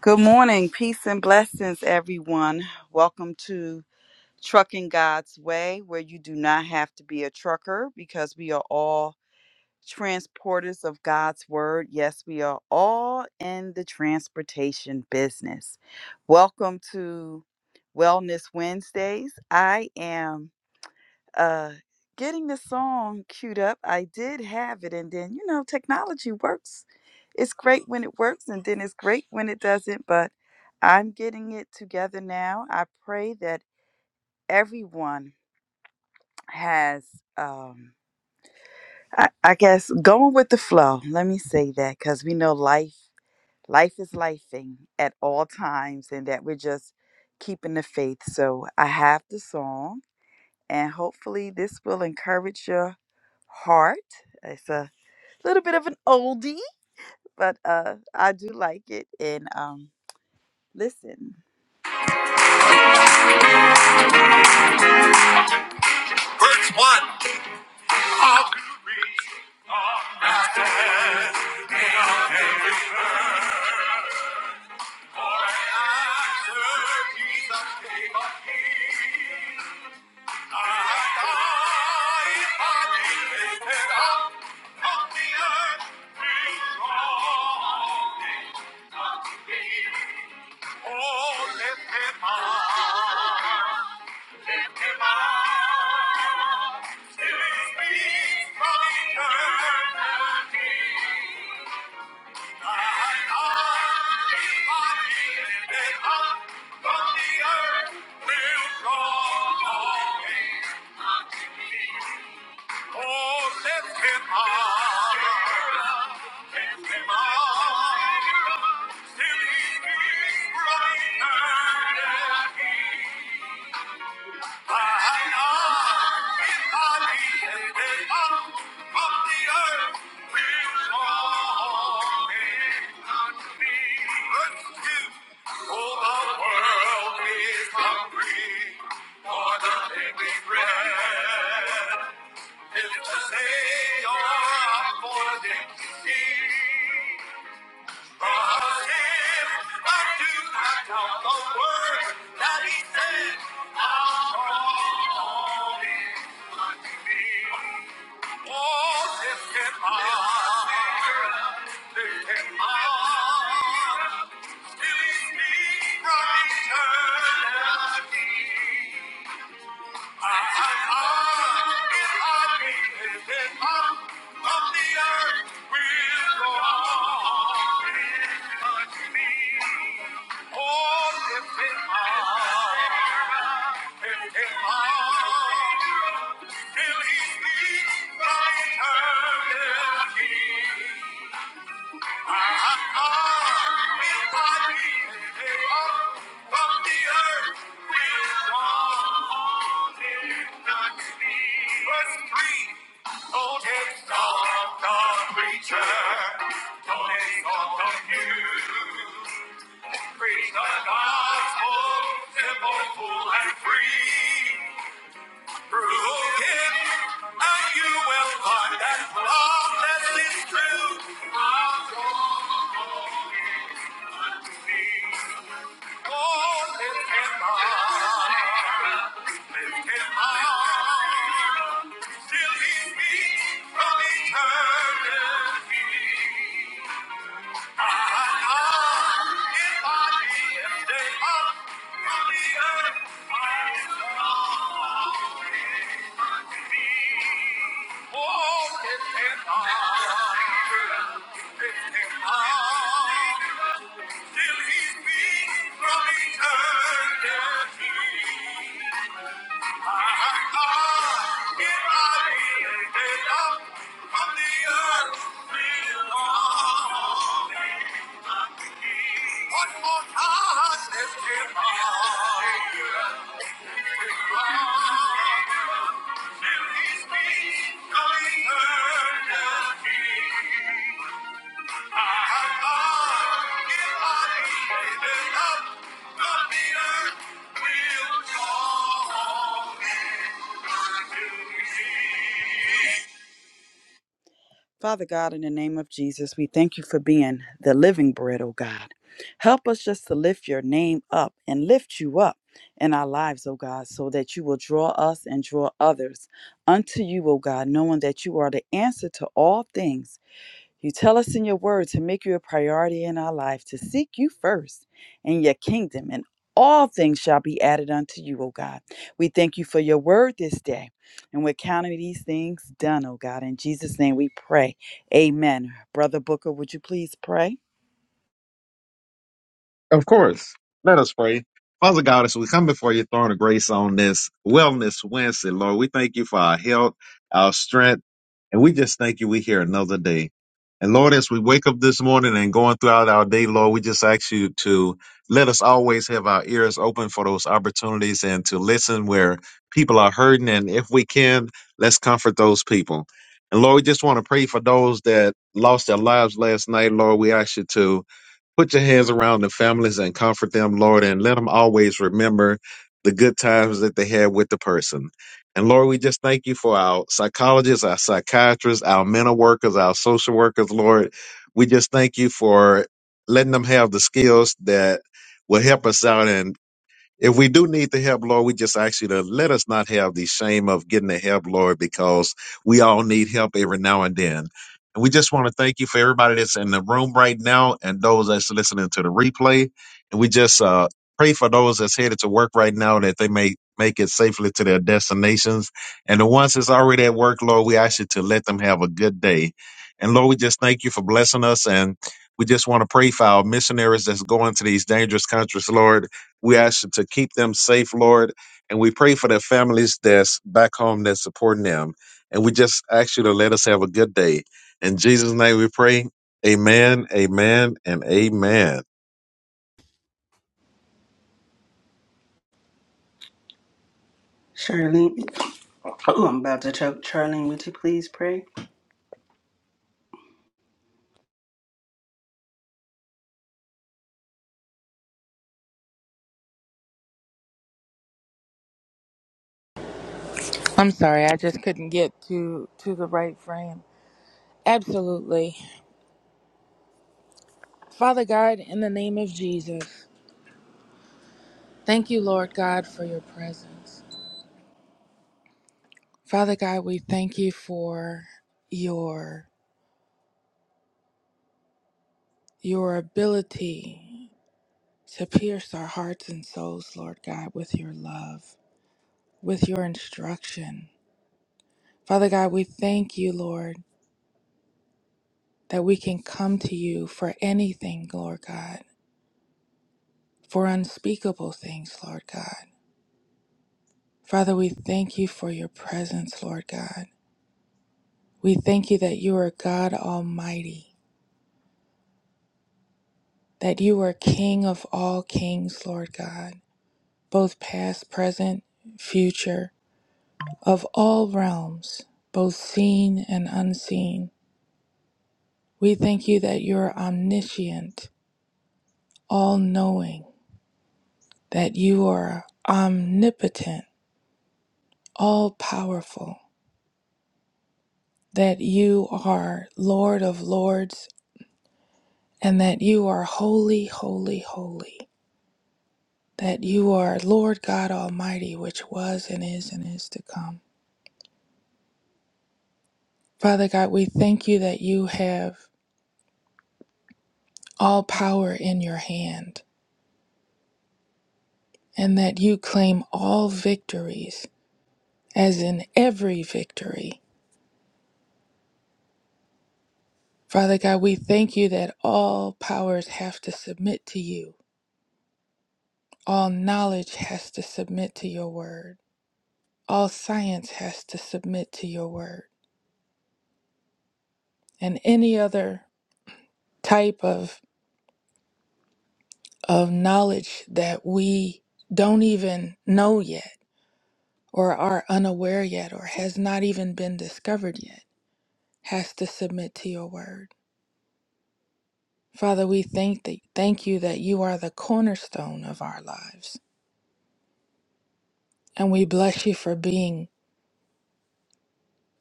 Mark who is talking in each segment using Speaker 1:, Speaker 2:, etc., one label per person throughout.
Speaker 1: Good morning, peace and blessings, everyone. Welcome to Trucking God's Way, where you do not have to be a trucker because we are all transporters of God's Word. Yes, we are all in the transportation business. Welcome to Wellness Wednesdays. I am uh getting the song queued up i did have it and then you know technology works it's great when it works and then it's great when it doesn't but i'm getting it together now i pray that everyone has um i, I guess going with the flow let me say that because we know life life is lifing at all times and that we're just keeping the faith so i have the song and hopefully this will encourage you Heart. It's a little bit of an oldie, but uh, I do like it. And um, listen. One hop. Oh, lift him up, lift him up, till he speaks from eternity. Thine arms, mighty, lifted up from the earth, will draw all men They are for the sea from eternity. Till he speaks my eternity. Preach the gospel, simple, full, and free. Through him, and you will find that love that is true. Our joy Oh, lift him up, lift till he meets from eternity. Ah, if I lift him up from the earth, oh, lift him up, up, till he meets from eternity. earth will call me. Thank me. Father God, in the name of Jesus, we thank you for being the living bread, oh God. Help us just to lift your name up and lift you up in our lives, oh God, so that you will draw us and draw others unto you, oh God, knowing that you are the answer to all things. You tell us in your word to make you a priority in our life, to seek you first and your kingdom, and all things shall be added unto you, O God. We thank you for your word this day, and we're counting these things done, O God. In Jesus' name we pray. Amen. Brother Booker, would you please pray?
Speaker 2: Of course. Let us pray. Father God, as we come before your throne of grace on this Wellness Wednesday, Lord, we thank you for our health, our strength, and we just thank you we're here another day. And Lord, as we wake up this morning and going throughout our day, Lord, we just ask you to let us always have our ears open for those opportunities and to listen where people are hurting. And if we can, let's comfort those people. And Lord, we just want to pray for those that lost their lives last night. Lord, we ask you to Put your hands around the families and comfort them, Lord, and let them always remember the good times that they had with the person. And Lord, we just thank you for our psychologists, our psychiatrists, our mental workers, our social workers, Lord. We just thank you for letting them have the skills that will help us out and. If we do need the help, Lord, we just ask you to let us not have the shame of getting the help, Lord, because we all need help every now and then. And we just want to thank you for everybody that's in the room right now and those that's listening to the replay. And we just uh, pray for those that's headed to work right now that they may make it safely to their destinations. And the ones that's already at work, Lord, we ask you to let them have a good day. And Lord, we just thank you for blessing us. And we just want to pray for our missionaries that's going to these dangerous countries, Lord we ask you to keep them safe, Lord. And we pray for their families that's back home that's supporting them. And we just ask you to let us have a good day. In Jesus' name we pray. Amen, amen, and amen.
Speaker 3: Charlene, oh, I'm about to choke. Charlene, would you please pray?
Speaker 4: I'm sorry, I just couldn't get to to the right frame. Absolutely. Father God, in the name of Jesus, thank you, Lord God, for your presence. Father God, we thank you for your your ability to pierce our hearts and souls, Lord God, with your love, with your instruction. Father God, we thank you, Lord, that we can come to you for anything, Lord God, for unspeakable things, Lord God. Father, we thank you for your presence, Lord God. We thank you that you are God Almighty, that you are King of all kings, Lord God, both past, present, future, of all realms, both seen and unseen. We thank you that you're omniscient, all knowing, that you are omnipotent, all powerful, that you are Lord of lords, and that you are holy, holy, holy. that you are Lord God Almighty, which was and is and is to come. Father God, we thank you that you have all power in your hand and that you claim all victories, as in every victory. Father God, we thank you that all powers have to submit to you, all knowledge has to submit to your word, all science has to submit to your word, and any other type of of knowledge that we don't even know yet or are unaware yet or has not even been discovered yet has to submit to your word. Father, we thank thee, thank you that you are the cornerstone of our lives. And we bless you for being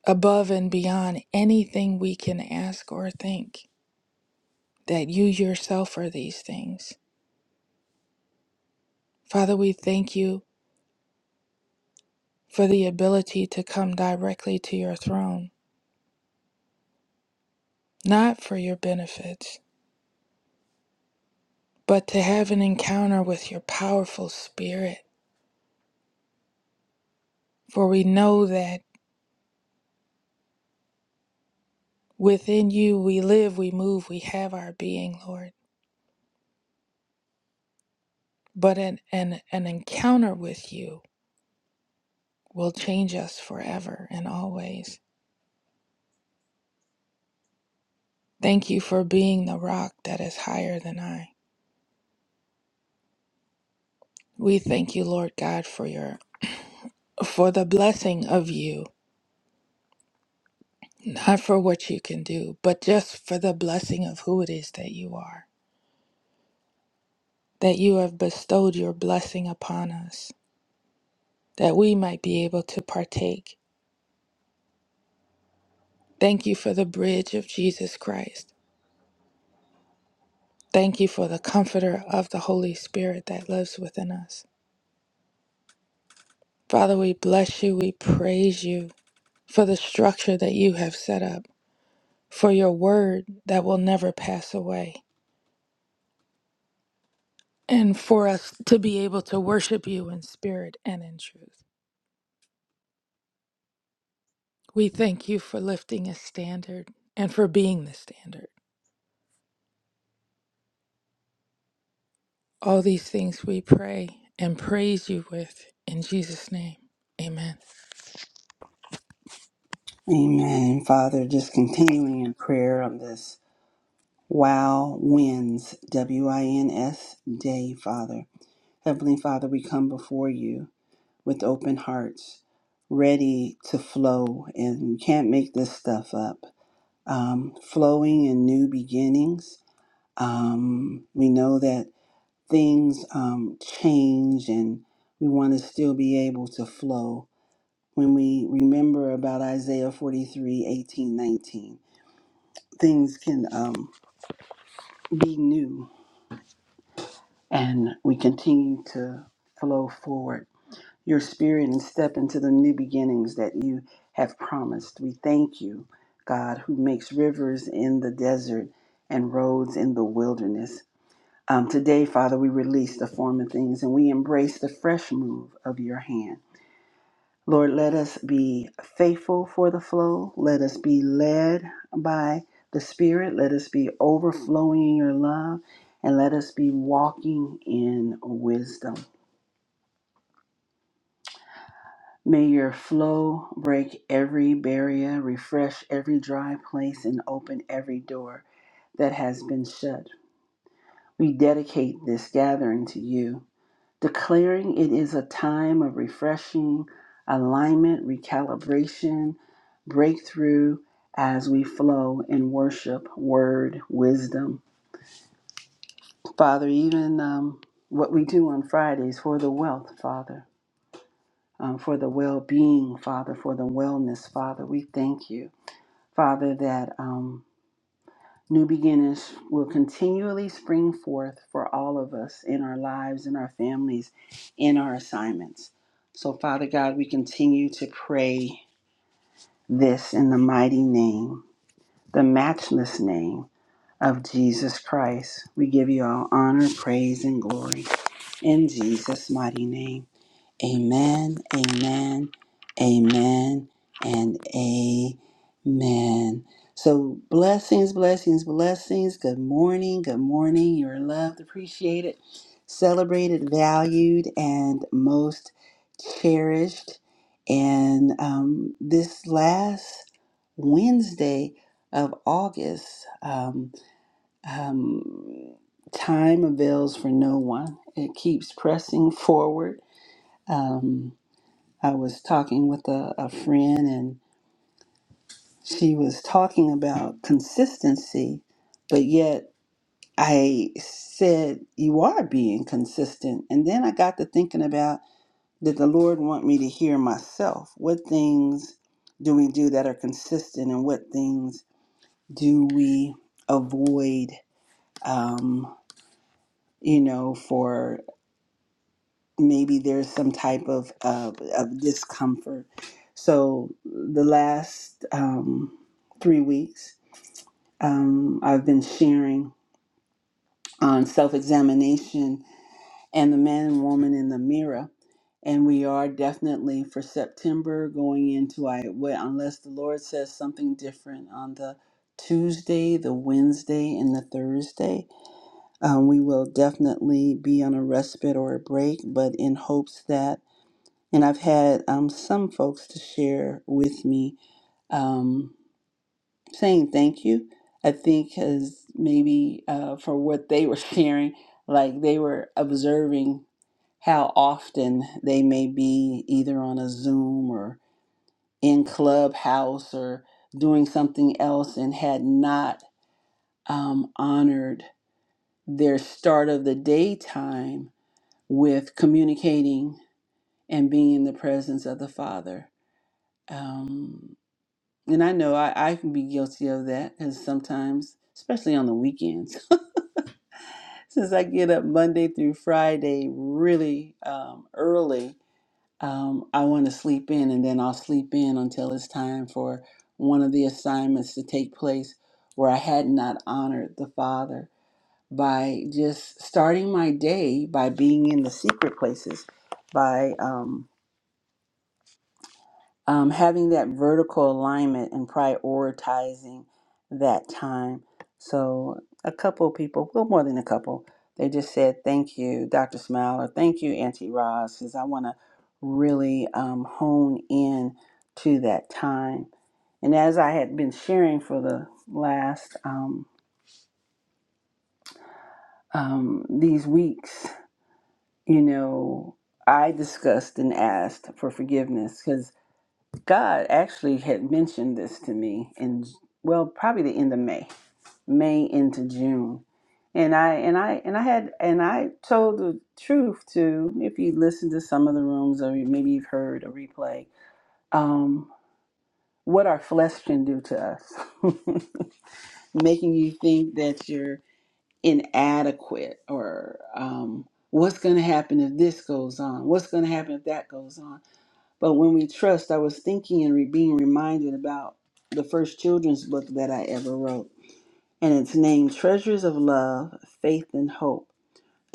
Speaker 4: above and beyond anything we can ask or think, that you yourself are these things. Father, we thank you for the ability to come directly to your throne, not for your benefits, but to have an encounter with your powerful spirit. For we know that within you we live, we move, we have our being, Lord. But an, an, an encounter with you will change us forever and always. Thank you for being the rock that is higher than I. We thank you, Lord God, for your for the blessing of you, not for what you can do, but just for the blessing of who it is that you are. That you have bestowed your blessing upon us that we might be able to partake. Thank you for the bridge of Jesus Christ. Thank you for the comforter of the Holy Spirit that lives within us. Father, we bless you. We praise you for the structure that you have set up, for your word that will never pass away, and for us to be able to worship you in spirit and in truth. We thank you for lifting a standard and for being the standard. All these things we pray and praise you with in Jesus' name. Amen.
Speaker 3: Amen. Father, just continuing in prayer on this Wow Wins, W I N S day, Father. Heavenly Father, we come before you with open hearts, ready to flow, and we can't make this stuff up. Um, flowing in new beginnings. Um, we know that things um, change and we want to still be able to flow when we remember about Isaiah 43 18 19, Things can um, be new and we continue to flow forward your spirit and step into the new beginnings that you have promised. We thank you, God, who makes rivers in the desert and roads in the wilderness. Um, today, Father, we release the former things and we embrace the fresh move of your hand. Lord, let us be faithful for the flow. Let us be led by the Spirit. Let us be overflowing in your love. And let us be walking in wisdom. May your flow break every barrier, refresh every dry place, and open every door that has been shut. We dedicate this gathering to you. declaring it is a time of refreshing, alignment, recalibration, breakthrough as we flow in worship, word, wisdom. Father, even um, what we do on Fridays for the wealth, Father, um, for the well being, Father, for the wellness, Father, we thank you, Father, that. Um, New beginnings will continually spring forth for all of us in our lives, in our families, in our assignments. So, Father God, we continue to pray this in the mighty name, the matchless name of Jesus Christ. We give you all honor, praise, and glory in Jesus' mighty name. Amen, amen, amen, and amen. So, blessings, blessings, blessings. Good morning, good morning. You're loved, appreciated, celebrated, valued, and most cherished. And um, this last Wednesday of August, um, um, time avails for no one, it keeps pressing forward. Um, I was talking with a, a friend and she was talking about consistency, but yet I said, You are being consistent. And then I got to thinking about did the Lord want me to hear myself? What things do we do that are consistent and what things do we avoid? Um, you know, for maybe there's some type of of, of discomfort. So the last um, three weeks, um, I've been sharing on self examination and the man and woman in the mirror, and we are definitely for September going into I well, unless the Lord says something different on the Tuesday, the Wednesday, and the Thursday. Um, we will definitely be on a respite or a break, but in hopes that And I've had um, some folks to share with me um, saying thank you. I think because maybe uh, for what they were sharing, like they were observing how often they may be either on a Zoom or in Clubhouse or doing something else and had not um, honored their start of the day time with communicating and being in the presence of the Father. Um, And I know I, I can be guilty of that because sometimes, especially on the weekends, since I get up Monday through Friday really um, early, um, I want to sleep in and then I'll sleep in until it's time for one of the assignments to take place where I had not honored the Father by just starting my day by being in the secret places, by um, um, having that vertical alignment and prioritizing that time. So, a couple people, well, more than a couple, they just said, Thank you, Dr. Smile, or Thank you, Auntie Roz, because I want to really um, hone in to that time. And as I had been sharing for the last, um, um, these weeks, you know, I discussed and asked for forgiveness because. God actually had mentioned this to me in well, probably the end of May, May into June. And I and I and I had and I told the truth to if you listen to some of the rooms or you- maybe you've heard a replay, um, what our flesh can do to us. Making you think that you're inadequate or um, what's gonna happen if this goes on, what's gonna happen if that goes on. But when we trust, I was thinking and re- being reminded about the first children's book that I ever wrote. And it's named Treasures of Love, Faith and Hope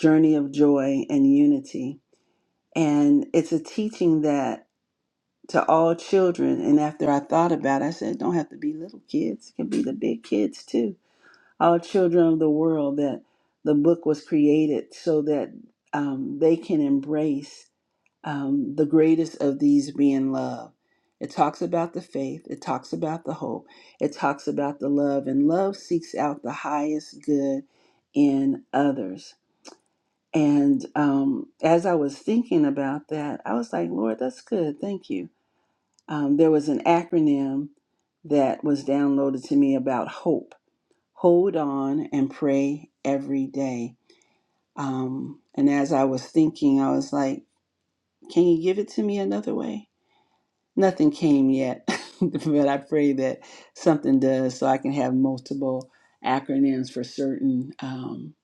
Speaker 3: Journey of Joy and Unity. And it's a teaching that to all children. And after I thought about it, I said, it don't have to be little kids, it can be the big kids too. All children of the world, that the book was created so that um, they can embrace um, the greatest of these being love. It talks about the faith, it talks about the hope, it talks about the love, and love seeks out the highest good in others. And um, as I was thinking about that, I was like, Lord, that's good. Thank you. Um, there was an acronym that was downloaded to me about hope. Hold on and pray every day. Um, and as I was thinking, I was like, can you give it to me another way? Nothing came yet, but I pray that something does so I can have multiple acronyms for certain um,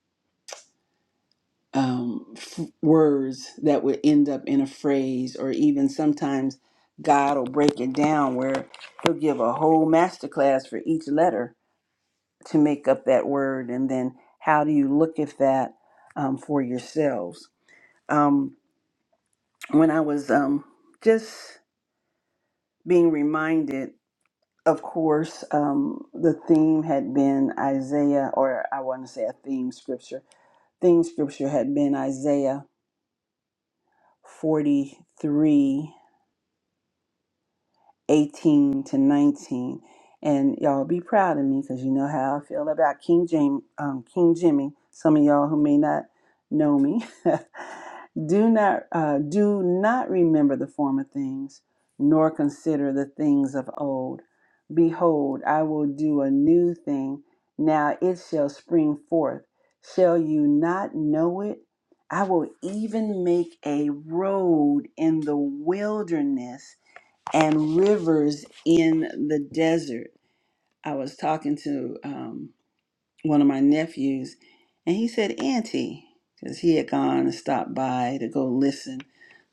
Speaker 3: um, f- words that would end up in a phrase, or even sometimes God will break it down where He'll give a whole masterclass for each letter to make up that word, and then how do you look at that um, for yourselves? Um, when I was um, just being reminded of course, um, the theme had been Isaiah, or I want to say a theme scripture. Theme scripture had been Isaiah 43 18 to 19. And y'all be proud of me because you know how I feel about King James, um, King Jimmy. Some of y'all who may not know me, do not uh, do not remember the former things, nor consider the things of old. Behold, I will do a new thing. Now it shall spring forth. Shall you not know it? I will even make a road in the wilderness and rivers in the desert. I was talking to um, one of my nephews, and he said, Auntie, because he had gone and stopped by to go listen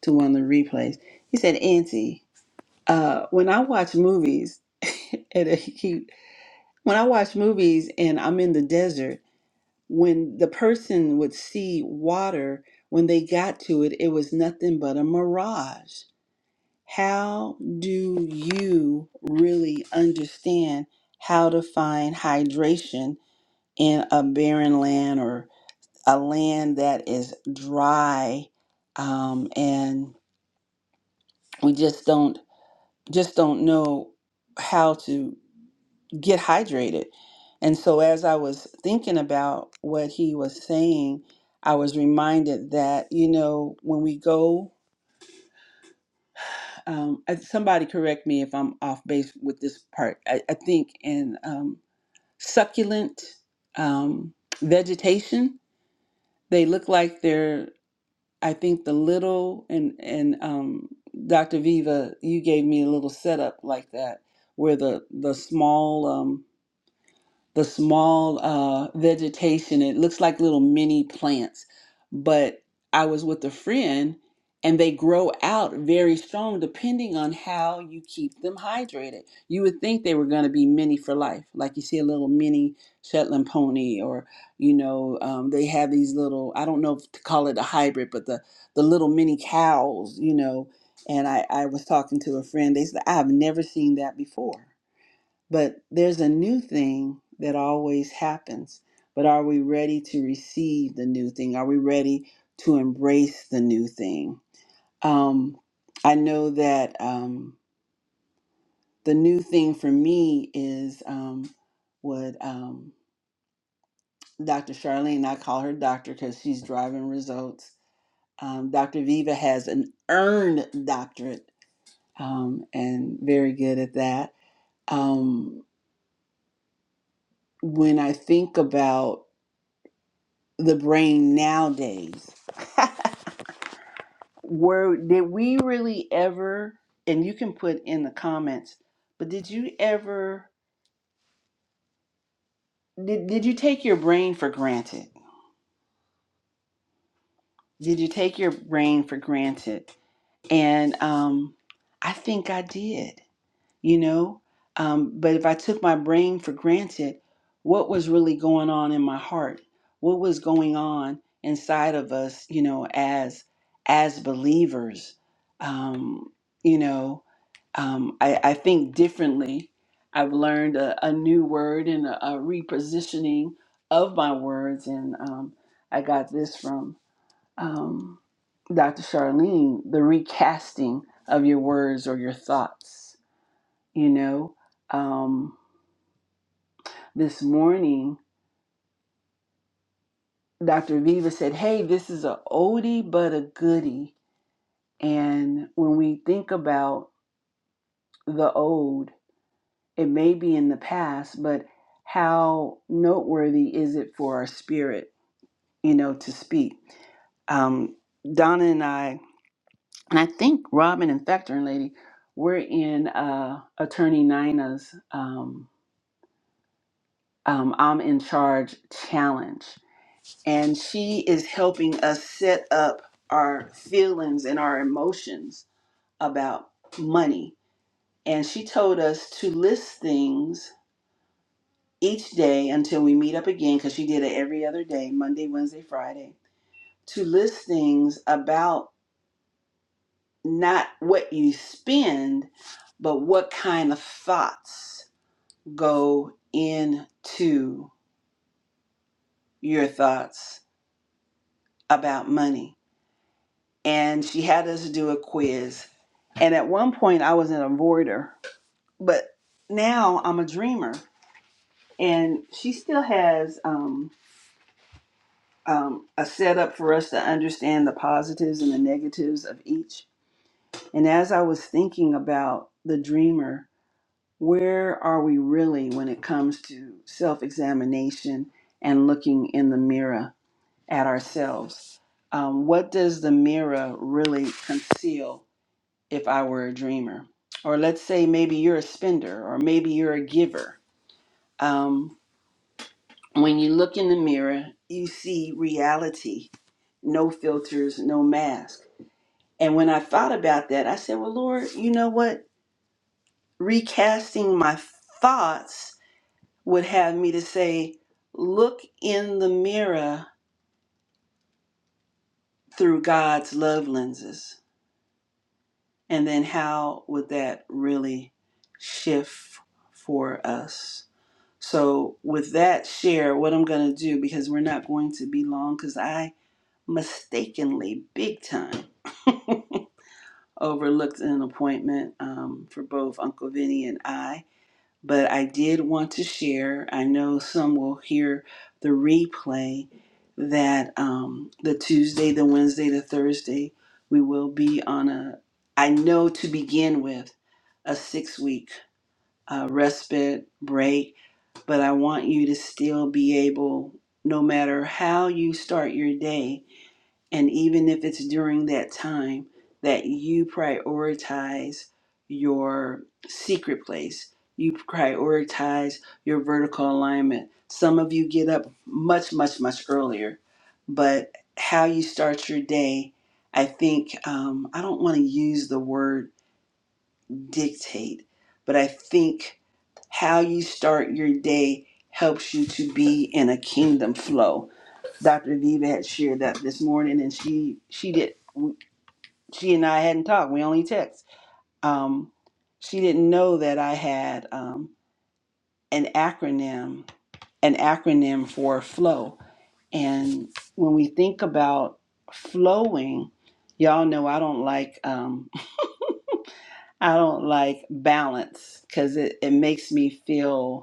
Speaker 3: to one of the replays. He said, Auntie, uh, when I watch movies, and he, when I watch movies and I'm in the desert, when the person would see water, when they got to it, it was nothing but a mirage. How do you really understand how to find hydration in a barren land or a land that is dry? Um, and we just don't just don't know how to get hydrated. And so as I was thinking about what he was saying, I was reminded that, you know, when we go um, I- somebody correct me if I'm off base with this part. I, I think in um, succulent um, vegetation, they look like they're. I think the little and and um, Dr. Viva, you gave me a little setup like that, where the the small. um, the small uh, vegetation. It looks like little mini plants. But I was with a friend and they grow out very strong depending on how you keep them hydrated. You would think they were going to be mini for life. Like you see a little mini Shetland pony or, you know, um, they have these little, I don't know if to call it a hybrid, but the, the little mini cows, you know. And I, I was talking to a friend. They said, I've never seen that before but there's a new thing that always happens. But are we ready to receive the new thing? Are we ready to embrace the new thing? Um, I know that um, the new thing for me is um, what um, Dr. Charlene, I call her doctor because she's driving results. Um, Dr. Viva has an earned doctorate um, and very good at that. Um, when I think about the brain nowadays. Were did we really ever and you can put in the comments, but did you ever did, did you take your brain for granted? Did you take your brain for granted? And um I think I did. you know? Um, but if I took my brain for granted, what was really going on in my heart? What was going on inside of us, you know, as as believers? Um, you know, um, I, I think differently. I've learned a, a new word and a, a repositioning of my words, and um, I got this from um, Dr. Charlene: the recasting of your words or your thoughts you know um, this morning dr viva said hey this is a oldie but a goodie and when we think about the old it may be in the past but how noteworthy is it for our spirit you know to speak um, donna and i and i think robin and factoring lady we're in uh, attorney nina's um, um, i'm in charge challenge and she is helping us set up our feelings and our emotions about money. And she told us to list things each day until we meet up again, because she did it every other day Monday, Wednesday, Friday to list things about not what you spend, but what kind of thoughts go into your thoughts about money and she had us do a quiz. And at one point, I was an avoider, but now I'm a dreamer. And she still has um, um, a setup for us to understand the positives and the negatives of each. And as I was thinking about the dreamer, where are we really when it comes to self examination and looking in the mirror at ourselves? Um, what does the mirror really conceal? if I were a dreamer. Or let's say maybe you're a spender or maybe you're a giver. Um, when you look in the mirror, you see reality, no filters, no mask. And when I thought about that, I said, Well, Lord, you know what? Recasting my thoughts would have me to say, Look in the mirror through God's love lenses. And then how would that really shift for us? So, with that share, what I'm going to do, because we're not going to be long, because I mistakenly, big time, overlooked an appointment um, for both Uncle Vinny and I. But I did want to share. I know some will hear the replay that um, the Tuesday, the Wednesday, the Thursday, we will be on a, I know to begin with, a six week uh, respite break but I want you to still be able, no matter how you start your day, and even if it's during that time, that you prioritize your secret place. You prioritize your vertical alignment. Some of you get up much, much, much earlier, but how you start your day, I think, um, I don't want to use the word dictate, but I think how you start your day helps you to be in a kingdom flow. Dr. Viva had shared that this morning, and she she did she and I hadn't talked. We only text. Um, she didn't know that I had um, an acronym an acronym for flow. And when we think about flowing, y'all know I don't like um, I don't like balance because it, it makes me feel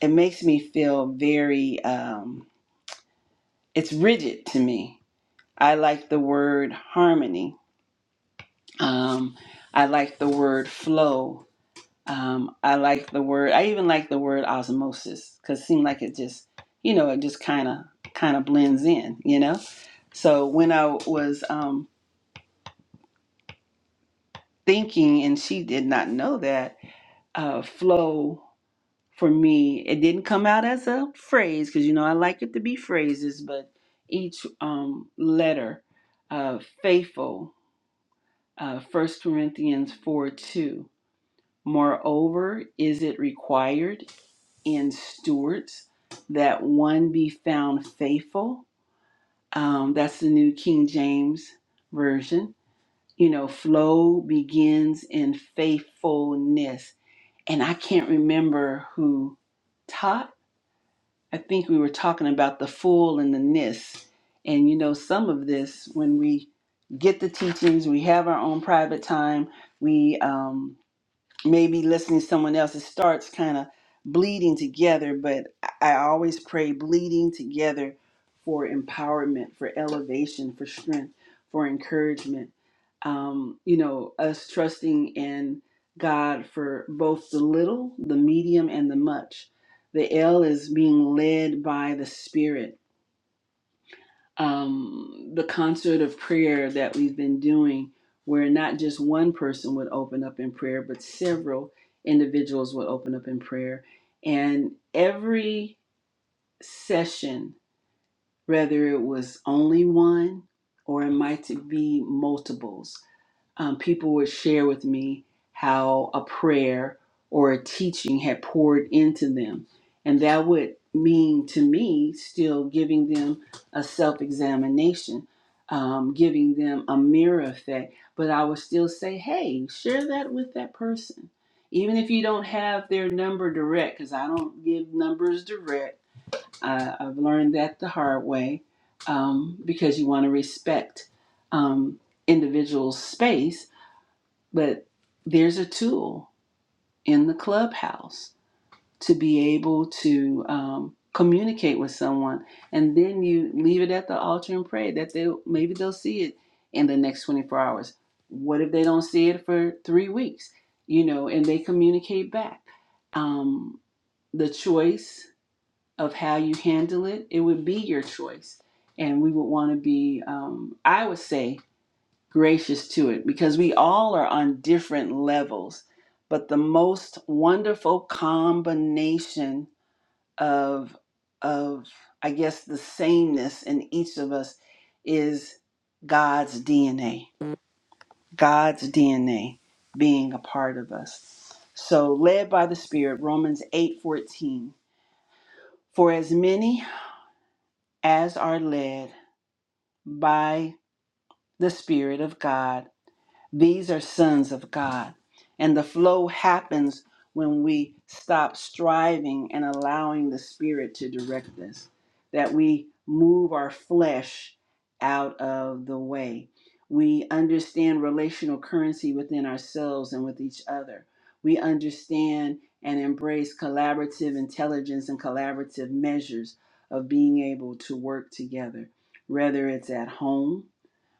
Speaker 3: it makes me feel very um, it's rigid to me i like the word harmony um, i like the word flow um, i like the word i even like the word osmosis because it seems like it just you know it just kind of kind of blends in you know so when i was um, thinking and she did not know that uh, flow for me it didn't come out as a phrase because you know i like it to be phrases but each um, letter uh, faithful uh, 1 corinthians 4 2 moreover is it required in stewards that one be found faithful um, that's the new king james version you know flow begins in faithfulness and i can't remember who taught I think we were talking about the full and the ness. And you know, some of this, when we get the teachings, we have our own private time, we um, maybe listening to someone else, it starts kind of bleeding together. But I I always pray bleeding together for empowerment, for elevation, for strength, for encouragement. Um, you know, us trusting in God for both the little, the medium, and the much. The L is being led by the Spirit um, the concert of prayer that we've been doing, where not just one person would open up in prayer, but several individuals would open up in prayer. And every session, whether it was only one or it might be multiples, um, people would share with me how a prayer or a teaching had poured into them. And that would mean to me still giving them a self examination, um, giving them a mirror effect. But I would still say, hey, share that with that person. Even if you don't have their number direct, because I don't give numbers direct, I, I've learned that the hard way um, because you want to respect um, individual space but there's a tool in the clubhouse to be able to um, communicate with someone and then you leave it at the altar and pray that they maybe they'll see it in the next 24 hours what if they don't see it for three weeks you know and they communicate back um, the choice of how you handle it it would be your choice and we would want to be um, i would say gracious to it because we all are on different levels. But the most wonderful combination of of I guess the sameness in each of us is God's DNA. God's DNA being a part of us. So led by the Spirit, Romans 8:14. For as many as are led by the Spirit of God, These are sons of God. And the flow happens when we stop striving and allowing the Spirit to direct us, that we move our flesh out of the way. We understand relational currency within ourselves and with each other. We understand and embrace collaborative intelligence and collaborative measures of being able to work together, whether it's at home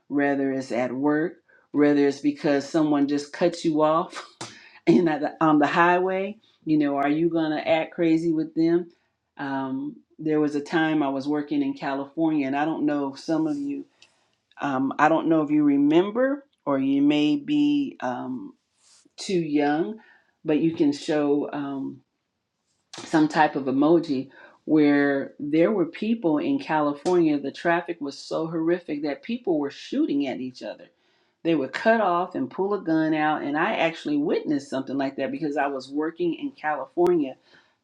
Speaker 3: whether it's at work, whether it's because someone just cuts you off in at the, on the highway. You know, are you gonna act crazy with them? Um, there was a time I was working in California, and I don't know if some of you, um, I don't know if you remember, or you may be um, too young, but you can show. Um, some type of emoji where there were people in California, the traffic was so horrific that people were shooting at each other. They would cut off and pull a gun out. And I actually witnessed something like that because I was working in California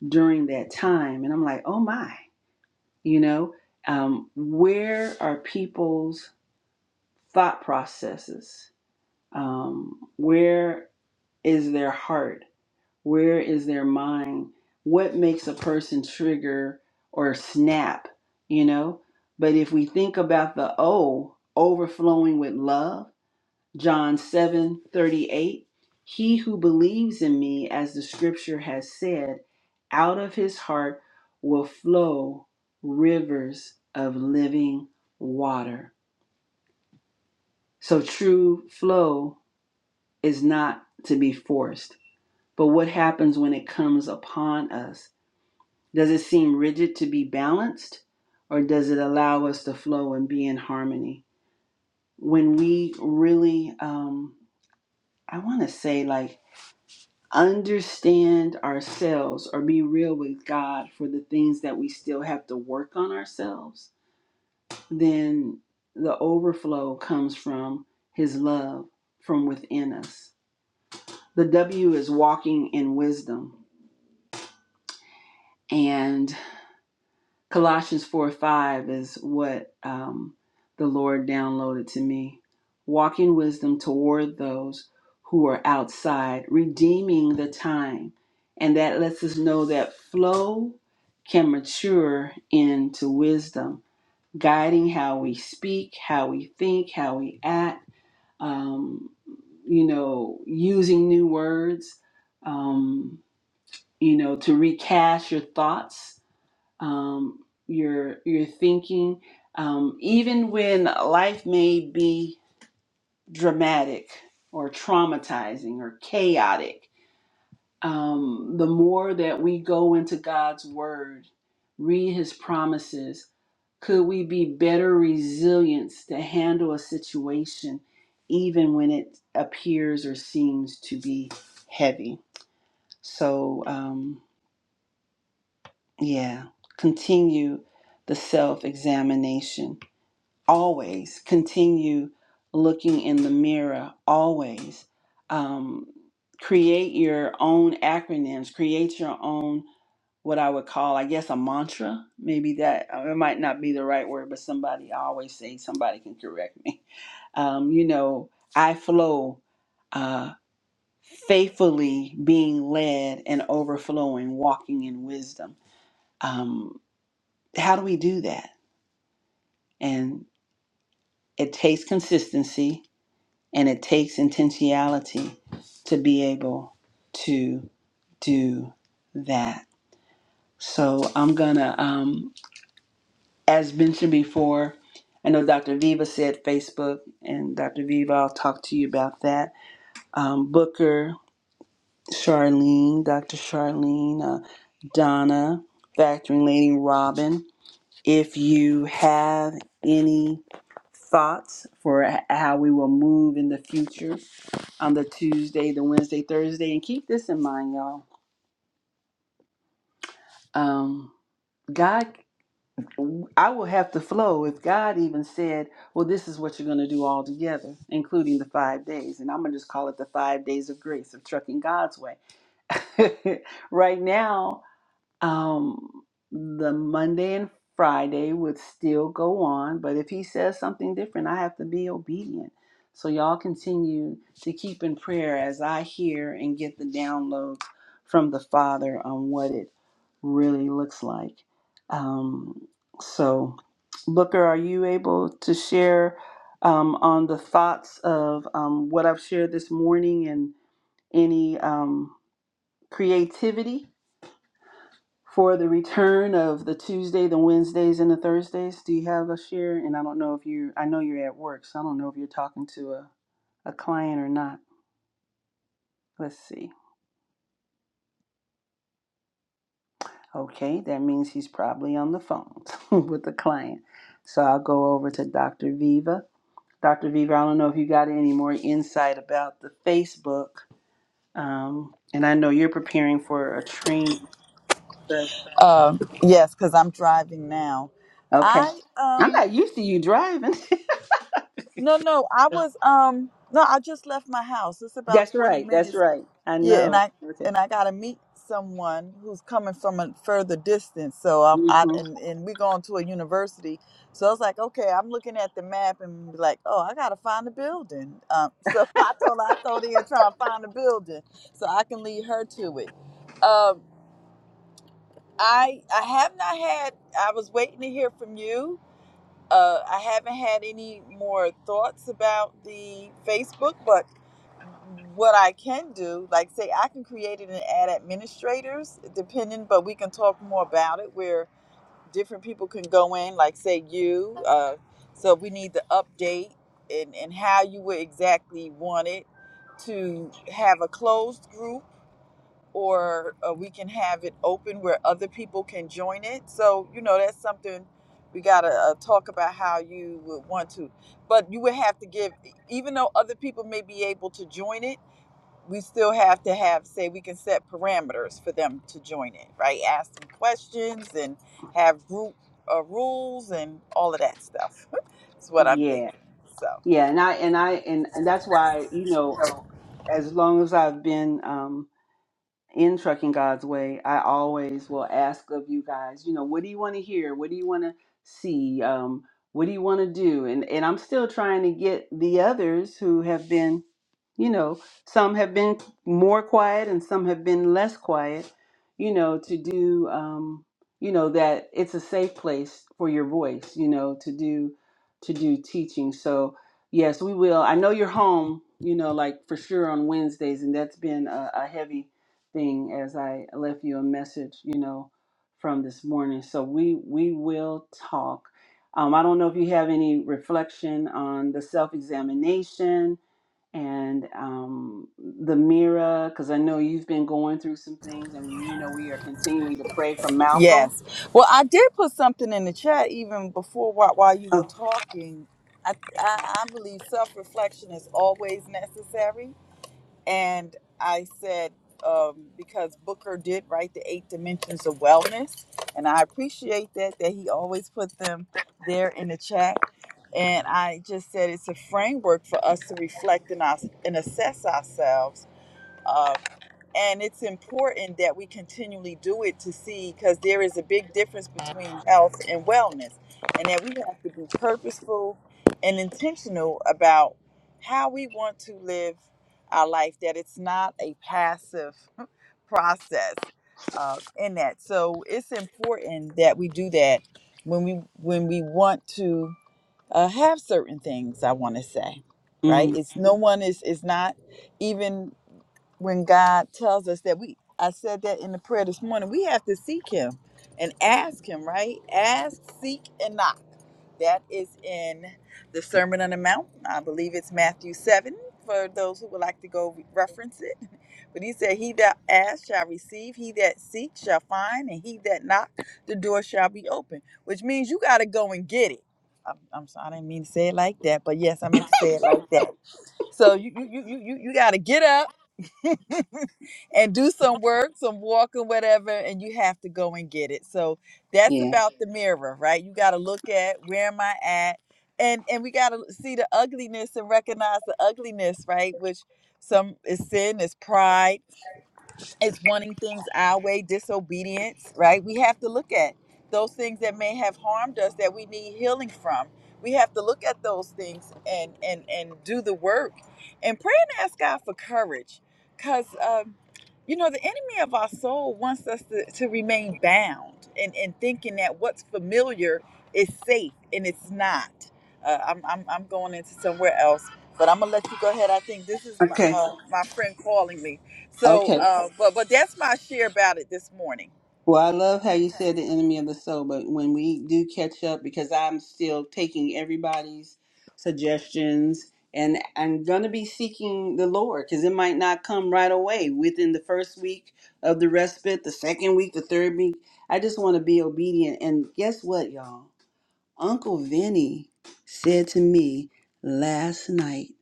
Speaker 3: during that time. And I'm like, oh my, you know, um, where are people's thought processes? Um, where is their heart? Where is their mind? What makes a person trigger or snap, you know? But if we think about the O overflowing with love, John 7 38, he who believes in me, as the scripture has said, out of his heart will flow rivers of living water. So true flow is not to be forced. But what happens when it comes upon us? Does it seem rigid to be balanced, or does it allow us to flow and be in harmony? When we really, um, I want to say, like, understand ourselves or be real with God for the things that we still have to work on ourselves, then the overflow comes from His love from within us. The W is walking in wisdom. and. Colossians 4 5 is what um, the Lord downloaded to me. Walk in wisdom toward those who are outside, redeeming the time. And that lets us know that flow can mature into wisdom, guiding how we speak, how we think, how we act, um, you know, using new words, um, you know, to recast your thoughts um, your your thinking, um, even when life may be dramatic or traumatizing or chaotic. Um, the more that we go into God's Word, read His promises, could we be better resilience to handle a situation, even when it appears or seems to be heavy? So, um, yeah, continue the self examination always continue looking in the mirror always um, create your own acronyms create your own what i would call i guess a mantra maybe that uh, it might not be the right word but somebody I always say somebody can correct me um, you know i flow uh, faithfully being led and overflowing walking in wisdom um, how do we do that and it takes consistency And it takes intentionality to be able to do that. So I'm gonna, um, as mentioned before, I know Dr. Viva said Facebook, and Dr. Viva, I'll talk to you about that. Um, Booker, Charlene, Dr. Charlene, uh, Donna, Factoring Lady Robin. If you have any thoughts for h- how we will move in the future on the Tuesday, the Wednesday, Thursday. And keep this in mind, y'all. Um, God, I will have to flow if God even said, well, this is what you're going to do all together, including the five days. And I'm going to just call it the five days of grace of trucking God's way. right now, um the Monday and Friday would still go on, but if he says something different, I have to be obedient. So y'all continue to keep in prayer as I hear and get the downloads from the Father on what it really looks like. Um, so, Booker, are you able to share um, on the thoughts of um, what I've shared this morning and any um, creativity? for the return of the Tuesday, the Wednesdays, and the Thursdays. Do you have a share? And I don't know if you, I know you're at work, so I don't know if you're talking to a, a client or not. Let's see. Okay, that means he's probably on the phone with the client. So I'll go over to Dr. Viva. Dr. Viva, I don't know if you got any more insight about the Facebook. Um, and I know you're preparing for a training, but
Speaker 1: Um, yes, because I'm driving now.
Speaker 3: okay.
Speaker 1: I
Speaker 3: I'm
Speaker 1: um
Speaker 3: not used to you driving.
Speaker 1: no no I was um no I just left my house. It's about
Speaker 3: that's
Speaker 1: 20
Speaker 3: right. That's
Speaker 1: minutes
Speaker 3: right. I
Speaker 1: Yeah, and
Speaker 3: know.
Speaker 1: I
Speaker 3: Okay.
Speaker 1: and I gotta meet someone who's coming from a further distance. So I'm I
Speaker 3: hmm
Speaker 1: and, and we going to a university. So I was like, okay, I'm looking at the map and be like, oh, I gotta find a building. Um, so I told her I go there and try to find a building so I can lead her to it. Um, I I have not had. I was waiting to hear from you uh, I haven't had any more thoughts about the Facebook, but what I can do, like say, I can create it and add administrators, depending, but we can talk more about it where different people can go in, like say you. Uh, so we need the update and, and how you would exactly want it to have a closed group or uh, we can have it open where other people can join it. So, you know, that's something we got to uh, talk about how you would want to. But you would have to give, e, even though other people may be able to join it, we still have to have, say, we can set parameters for them to join it, right? Ask them questions and have group uh, rules and all of that stuff. That's what I'm thinking.
Speaker 3: Yeah,
Speaker 1: So.
Speaker 3: yeah, and I and I and, and that's why you know as long as I've been um, in Trucking God's Way, I always will ask of you guys, you know, what do you want to hear? What do you want to see? Um, what do you want to do? And and I'm still trying to get the others who have been, you know, some have been more quiet and some have been less quiet, you know, to do, um, you know, that it's a safe place for your voice, you know, to do to do teaching. So yes, we will. I know you're home, you know, like for sure on Wednesdays, and that's been a, a heavy thing as I left you a message, you know, from this morning. So we we will talk. Um, I don't know if you have any reflection on the self examination and um, the mirror, because I know you've been going through some things, and you know we are continuing to pray for Malcolm.
Speaker 1: Yes. Well, I did put something in the chat even before while, while you were
Speaker 3: Oh,
Speaker 1: talking. I, I, I believe self reflection is always necessary. And I said, um, because Booker did write the eight dimensions of wellness, and I appreciate that, that he always put them there in the chat. And I just said it's a framework for us to reflect and, us, and assess ourselves um, and it's important that we continually do it to see because there is a big difference between health and wellness and that we have to be purposeful and intentional about how we want to live our life that it's not a passive process uh, in that so it's important that we do that when we when we want to uh, have certain things i want to say right
Speaker 3: mm,
Speaker 1: it's no one is is not even when God tells us that we I said that in the prayer this morning, we have to seek him and ask him, right? Ask, seek, and knock. That is in the Sermon on the Mount. I believe it's Matthew 7 for those who would like to go re- reference it. But he said, He that asks shall receive, he that seeks shall find, and he that knock, the door shall be open, which means you got to go and get it. I'm, I'm sorry, I didn't mean to say it like that, but yes, I meant to say it like that. So you you you you you you got to get up and do some work, some walking, whatever, and you have to go and get it. So that's
Speaker 3: yeah.
Speaker 1: about the mirror, right? You got to look at where am I at, and and we got to see the ugliness and recognize the ugliness, right? Which some is sin, is pride it's wanting things our way, disobedience, right? We have to look at those things that may have harmed us that we need healing from. We have to look at those things and and and do the work and pray and ask God for courage, because um, you know the enemy of our soul wants us to, to remain bound and and thinking that what's familiar is safe and it's not. Uh, I'm, I'm I'm going into somewhere else, but I'm gonna let you go ahead. I think this is my
Speaker 3: Okay.
Speaker 1: uh, my friend calling me. So,
Speaker 3: Okay.
Speaker 1: uh, but but that's my share about it this morning.
Speaker 3: Well, I love how you said the enemy of the soul, but when we do catch up, because I'm still taking everybody's suggestions and I'm going to be seeking the Lord because it might not come right away within the first week of the respite, the second week, the third week. I just want to be obedient. And guess what, y'all? Uncle Vinny said to me last night,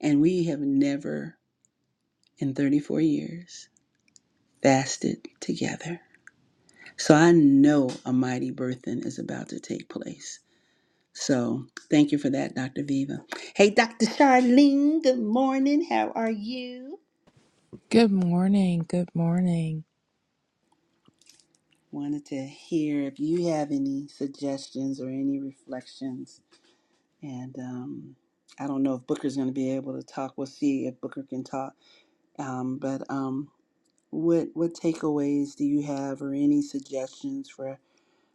Speaker 3: and we have never in 34 years fasted together. So I know a mighty birthing is about to take place. So thank you for that, Dr. Viva. Hey, Dr. Charlene, good morning. How are you?
Speaker 4: Good morning. Good morning.
Speaker 3: Wanted to hear if you have any suggestions or any reflections. And um, I don't know if Booker's going to be able to talk. We'll see if Booker can talk. Um, but um, what what takeaways do you have or any suggestions for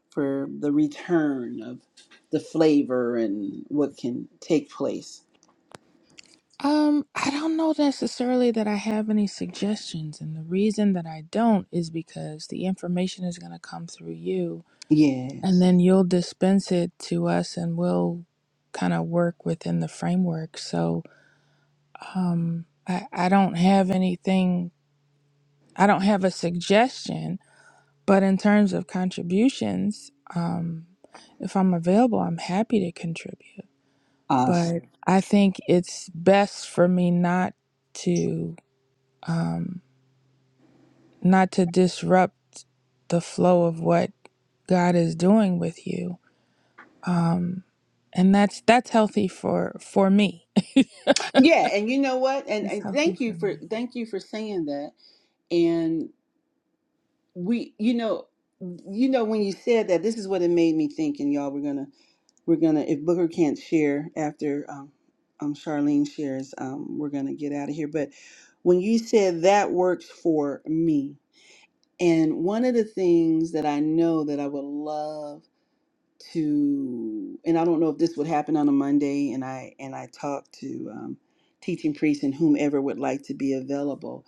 Speaker 3: for the return of the flavor and what can take place.
Speaker 4: Um, I don't know necessarily that I have any suggestions, and the reason that I don't is because the information is going to come through you, and
Speaker 3: Yes.
Speaker 4: then you'll dispense it to us, and we'll kind of work within the framework. So, um, I, I don't have anything, I don't have a suggestion, But in terms of contributions, um, if I'm available, I'm happy to contribute.
Speaker 3: Awesome.
Speaker 4: But I think it's best for me not to um, not to disrupt the flow of what God is doing with you, and that's that's healthy for for me.
Speaker 3: Yeah, and you know what? And,
Speaker 4: That's
Speaker 3: and
Speaker 4: healthy
Speaker 3: thank
Speaker 4: for
Speaker 3: you for
Speaker 4: me.
Speaker 3: thank you for saying that. And we you know you know when you said that this is what it made me think and y'all we're gonna we're gonna if Booker can't share after um um Charlene shares, um we're gonna get out of here. But when you said that works for me, and one of the things that I know that I would love to and I don't know if this would happen on a Monday and I and I talk to um, teaching priests and whomever would like to be available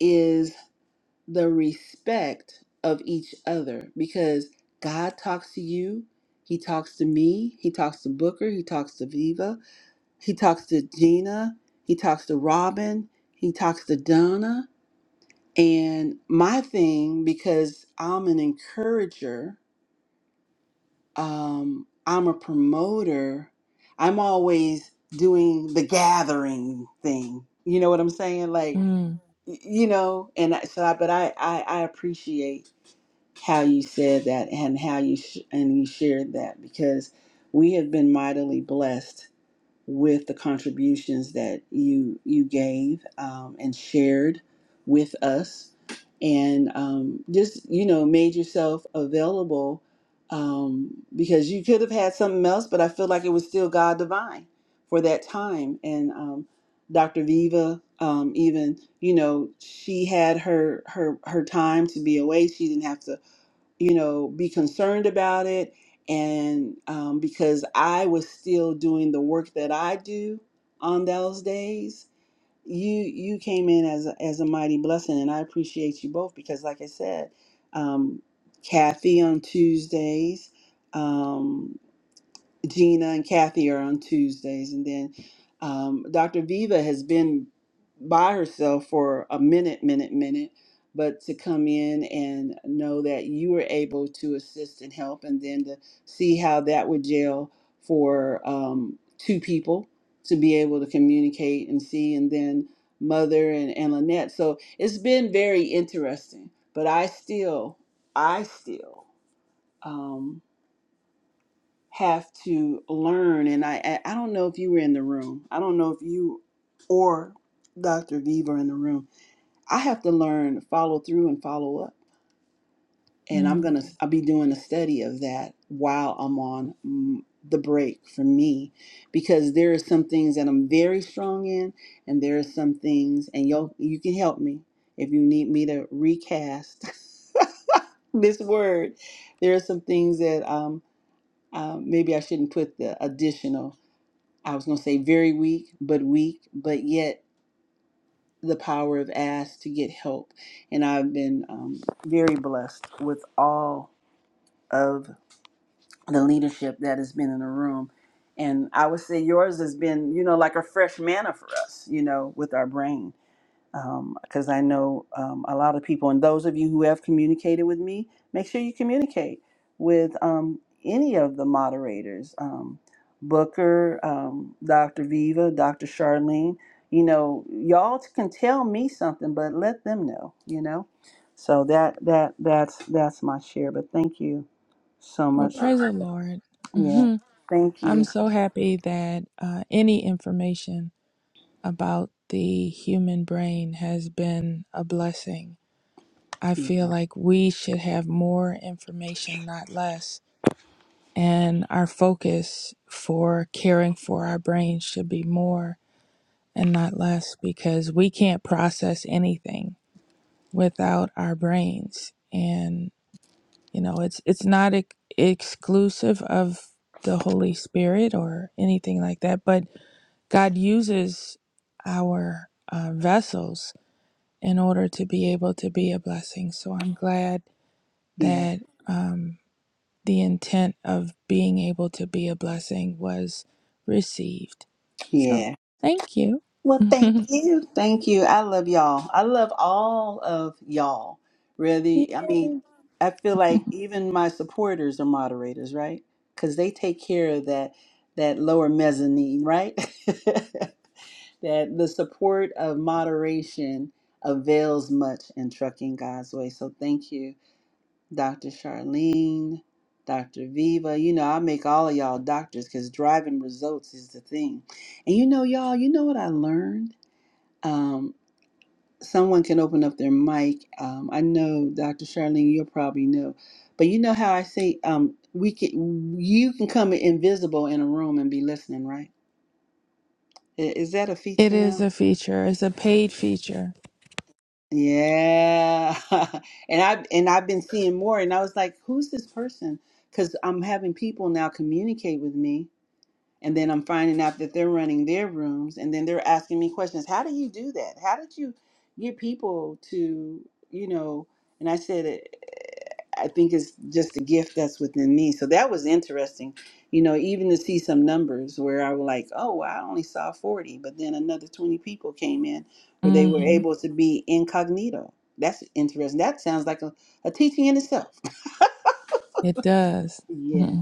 Speaker 3: is the respect of each other because God talks to you he talks to me he talks to Booker he talks to Viva he talks to Gina he talks to Robin he talks to Donna and my thing because I'm an encourager um, I'm a promoter, I'm always doing the gathering thing. You know what I'm saying? Like,
Speaker 4: Mm,
Speaker 3: y- you know, and I- so I, but I, I, I appreciate how you said that and how you sh- and you shared that because we have been mightily blessed with the contributions that you you gave um, and shared with us, and um, just you know made yourself available um, because you could have had something else, but I feel like it was still God divine for that time. And um, Dr. Viva, um, even you know, she had her her her time to be away. She didn't have to you know, be concerned about it. And um, because I was still doing the work that I do on those days, you you came in as a, as a mighty blessing, and I appreciate you both because, like I said, um, Kathy on Tuesdays. um, Gina and Kathy are on Tuesdays, and then um, Dr. Viva has been by herself for a minute, minute, minute. But to come in and know that you were able to assist and help, and then to see how that would gel for um, two people to be able to communicate and see, and then Mother and, and Lynette. So it's been very interesting. But I still, I still. Um, have to learn and I, I I don't know if you were in the room i don't know if you or dr v were in the room i have to learn follow through and follow up and i'm
Speaker 4: mm.
Speaker 3: gonna i'll be doing a study of that while i'm on mm, the break for me because there are some things that i'm very strong in and there are some things and you you can help me if you need me to recast this word there are some things that um uh, maybe i shouldn't put the additional I was going to say very weak, but weak, but yet the power of ask to get help. And I've been um, very blessed with all of the leadership that has been in the room. And I would say yours has been, you know, like a fresh manna for us, you know, with our brains because I know um, a lot of people, and those of you who have communicated with me, make sure you communicate with um, any of the moderators um, Booker, um, Dr. Viva, Dr. Charlene. You know, y'all can tell me something, but let them know, you know. So that that that's that's my share. But thank you so
Speaker 4: Well,
Speaker 3: much.
Speaker 4: praise the Lord.
Speaker 3: Yeah.
Speaker 4: hmm
Speaker 3: Thank
Speaker 4: I'm
Speaker 3: you.
Speaker 4: so happy that uh, any information about the human brain has been a blessing. I
Speaker 3: Yeah.
Speaker 4: feel like we should have more information, not less. And our focus for caring for our brains should be more and not less because we can't process anything without our brains. And, you know, it's, it's not ex- exclusive of the Holy Spirit or anything like that, but God uses our uh, vessels in order to be able to be a blessing. So I'm glad
Speaker 3: Yeah.
Speaker 4: that um, the intent of being able to be a blessing was received. So
Speaker 3: yeah.
Speaker 4: thank you.
Speaker 3: Well, thank you. Thank you. I love y'all. I love all of y'all. Really.
Speaker 4: Yeah.
Speaker 3: I mean, I feel like even my supporters are moderators, right? Cuz they take care of that that lower mezzanine, right? that the support of moderation avails much in trucking God's way. So thank you, Dr. Charlene, Dr. Viva. You know, I make all of y'all doctors cuz driving results is the thing. And you know y'all, you know what I learned? um, someone can open up their mic. Um, I know, Dr. Charlene, you'll probably know, but you know how I say um, we can. You can come invisible in a room and be listening, right? I- Is that a
Speaker 4: it
Speaker 3: feature
Speaker 4: is
Speaker 3: now?
Speaker 4: a feature, it's a paid feature.
Speaker 3: Yeah, and I and I've been seeing more, and I was like, "Who's this person?" Because I'm having people now communicate with me and then I'm finding out that they're running their rooms, and then they're asking me questions. How do you do that? How did you get people to, you know? And I said, "Eh, I think it's just a gift that's within me. So that was interesting, you know, even to see some numbers where I was like, oh, well, I only saw 40, but then another 20 people came in where they were
Speaker 4: hmm
Speaker 3: able to be incognito. That's interesting. That sounds like a, a teaching in itself.
Speaker 4: It does.
Speaker 3: Yeah.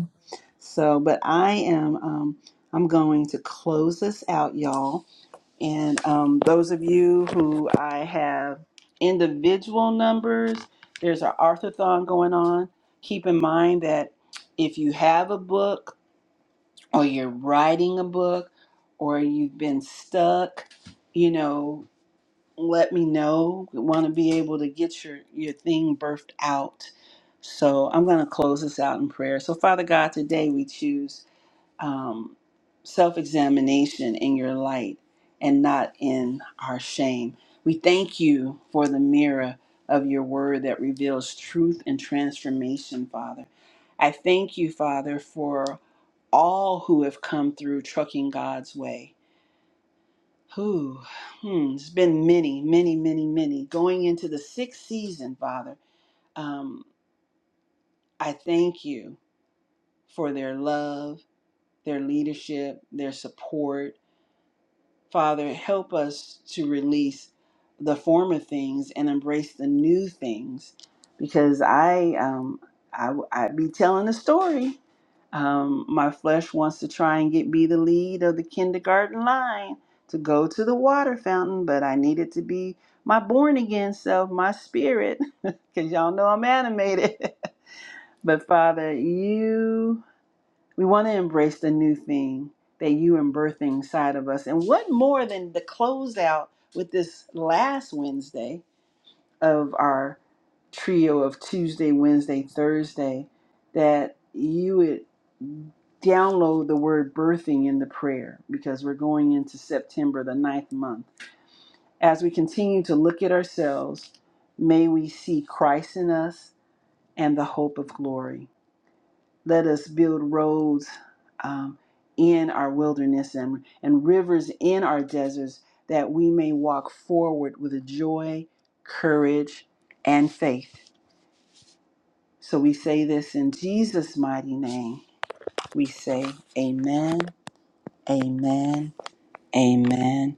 Speaker 3: So, but I am um, I'm going to close this out, y'all. And um, those of you who I have individual numbers, there's an arthathon going on. Keep in mind that if you have a book or you're writing a book or you've been stuck, you know, let me know. We want to be able to get your, your thing birthed out. So I'm going to close this out in prayer. So, Father God, today we choose um, self examination in your light and not in our shame. We thank you for the mirror of your word that reveals truth and transformation, Father. I thank you, Father, for all who have come through trucking God's way. Who? Hmm, it's been many, many, many, many. Going into the sixth season, Father, um, I thank you for their love, their leadership, their support Father, help us to release the former things and embrace the new things, because I um I I be telling a story. Um, my flesh wants to try and get be the lead of the kindergarten line to go to the water fountain, but I need it to be my born again self, my spirit, because y'all know I'm animated. but Father, you we want to embrace the new thing, that you and birthing side of us. And what more than the closeout with this last Wednesday of our trio of Tuesday, Wednesday, Thursday, that you would download the word birthing in the prayer because we're going into September, the ninth month. As we continue to look at ourselves, may we see Christ in us and the hope of glory. Let us build roads um, in our wilderness and, and rivers in our deserts that we may walk forward with joy, courage, and faith. So we say this in Jesus' mighty name. We say, Amen, Amen, Amen,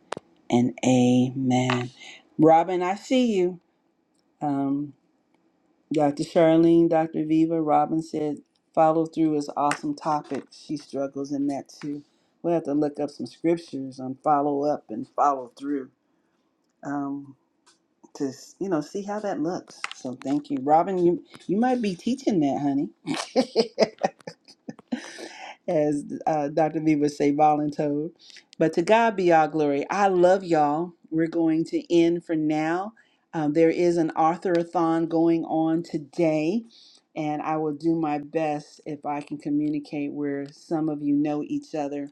Speaker 3: and Amen. Robin, I see you. Um, Dr. Charlene, Dr. Viva Robin said follow through is awesome topic. She struggles in that too. We'll have to look up some scriptures on follow up and follow through um, to s- you know see how that looks. So thank you, Robin. You you might be teaching that, honey. as uh, Dr. V would say, voluntold. But to God be all glory. I love y'all. We're going to end for now. Um, there is an author-a-thon going on today, and I will do my best if I can communicate where some of you know each other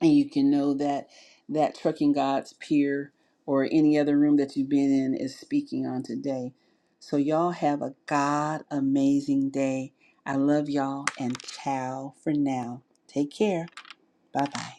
Speaker 3: and you can know that that trucking god's peer or any other room that you've been in is speaking on today so y'all have a god amazing day i love y'all and ciao for now take care bye bye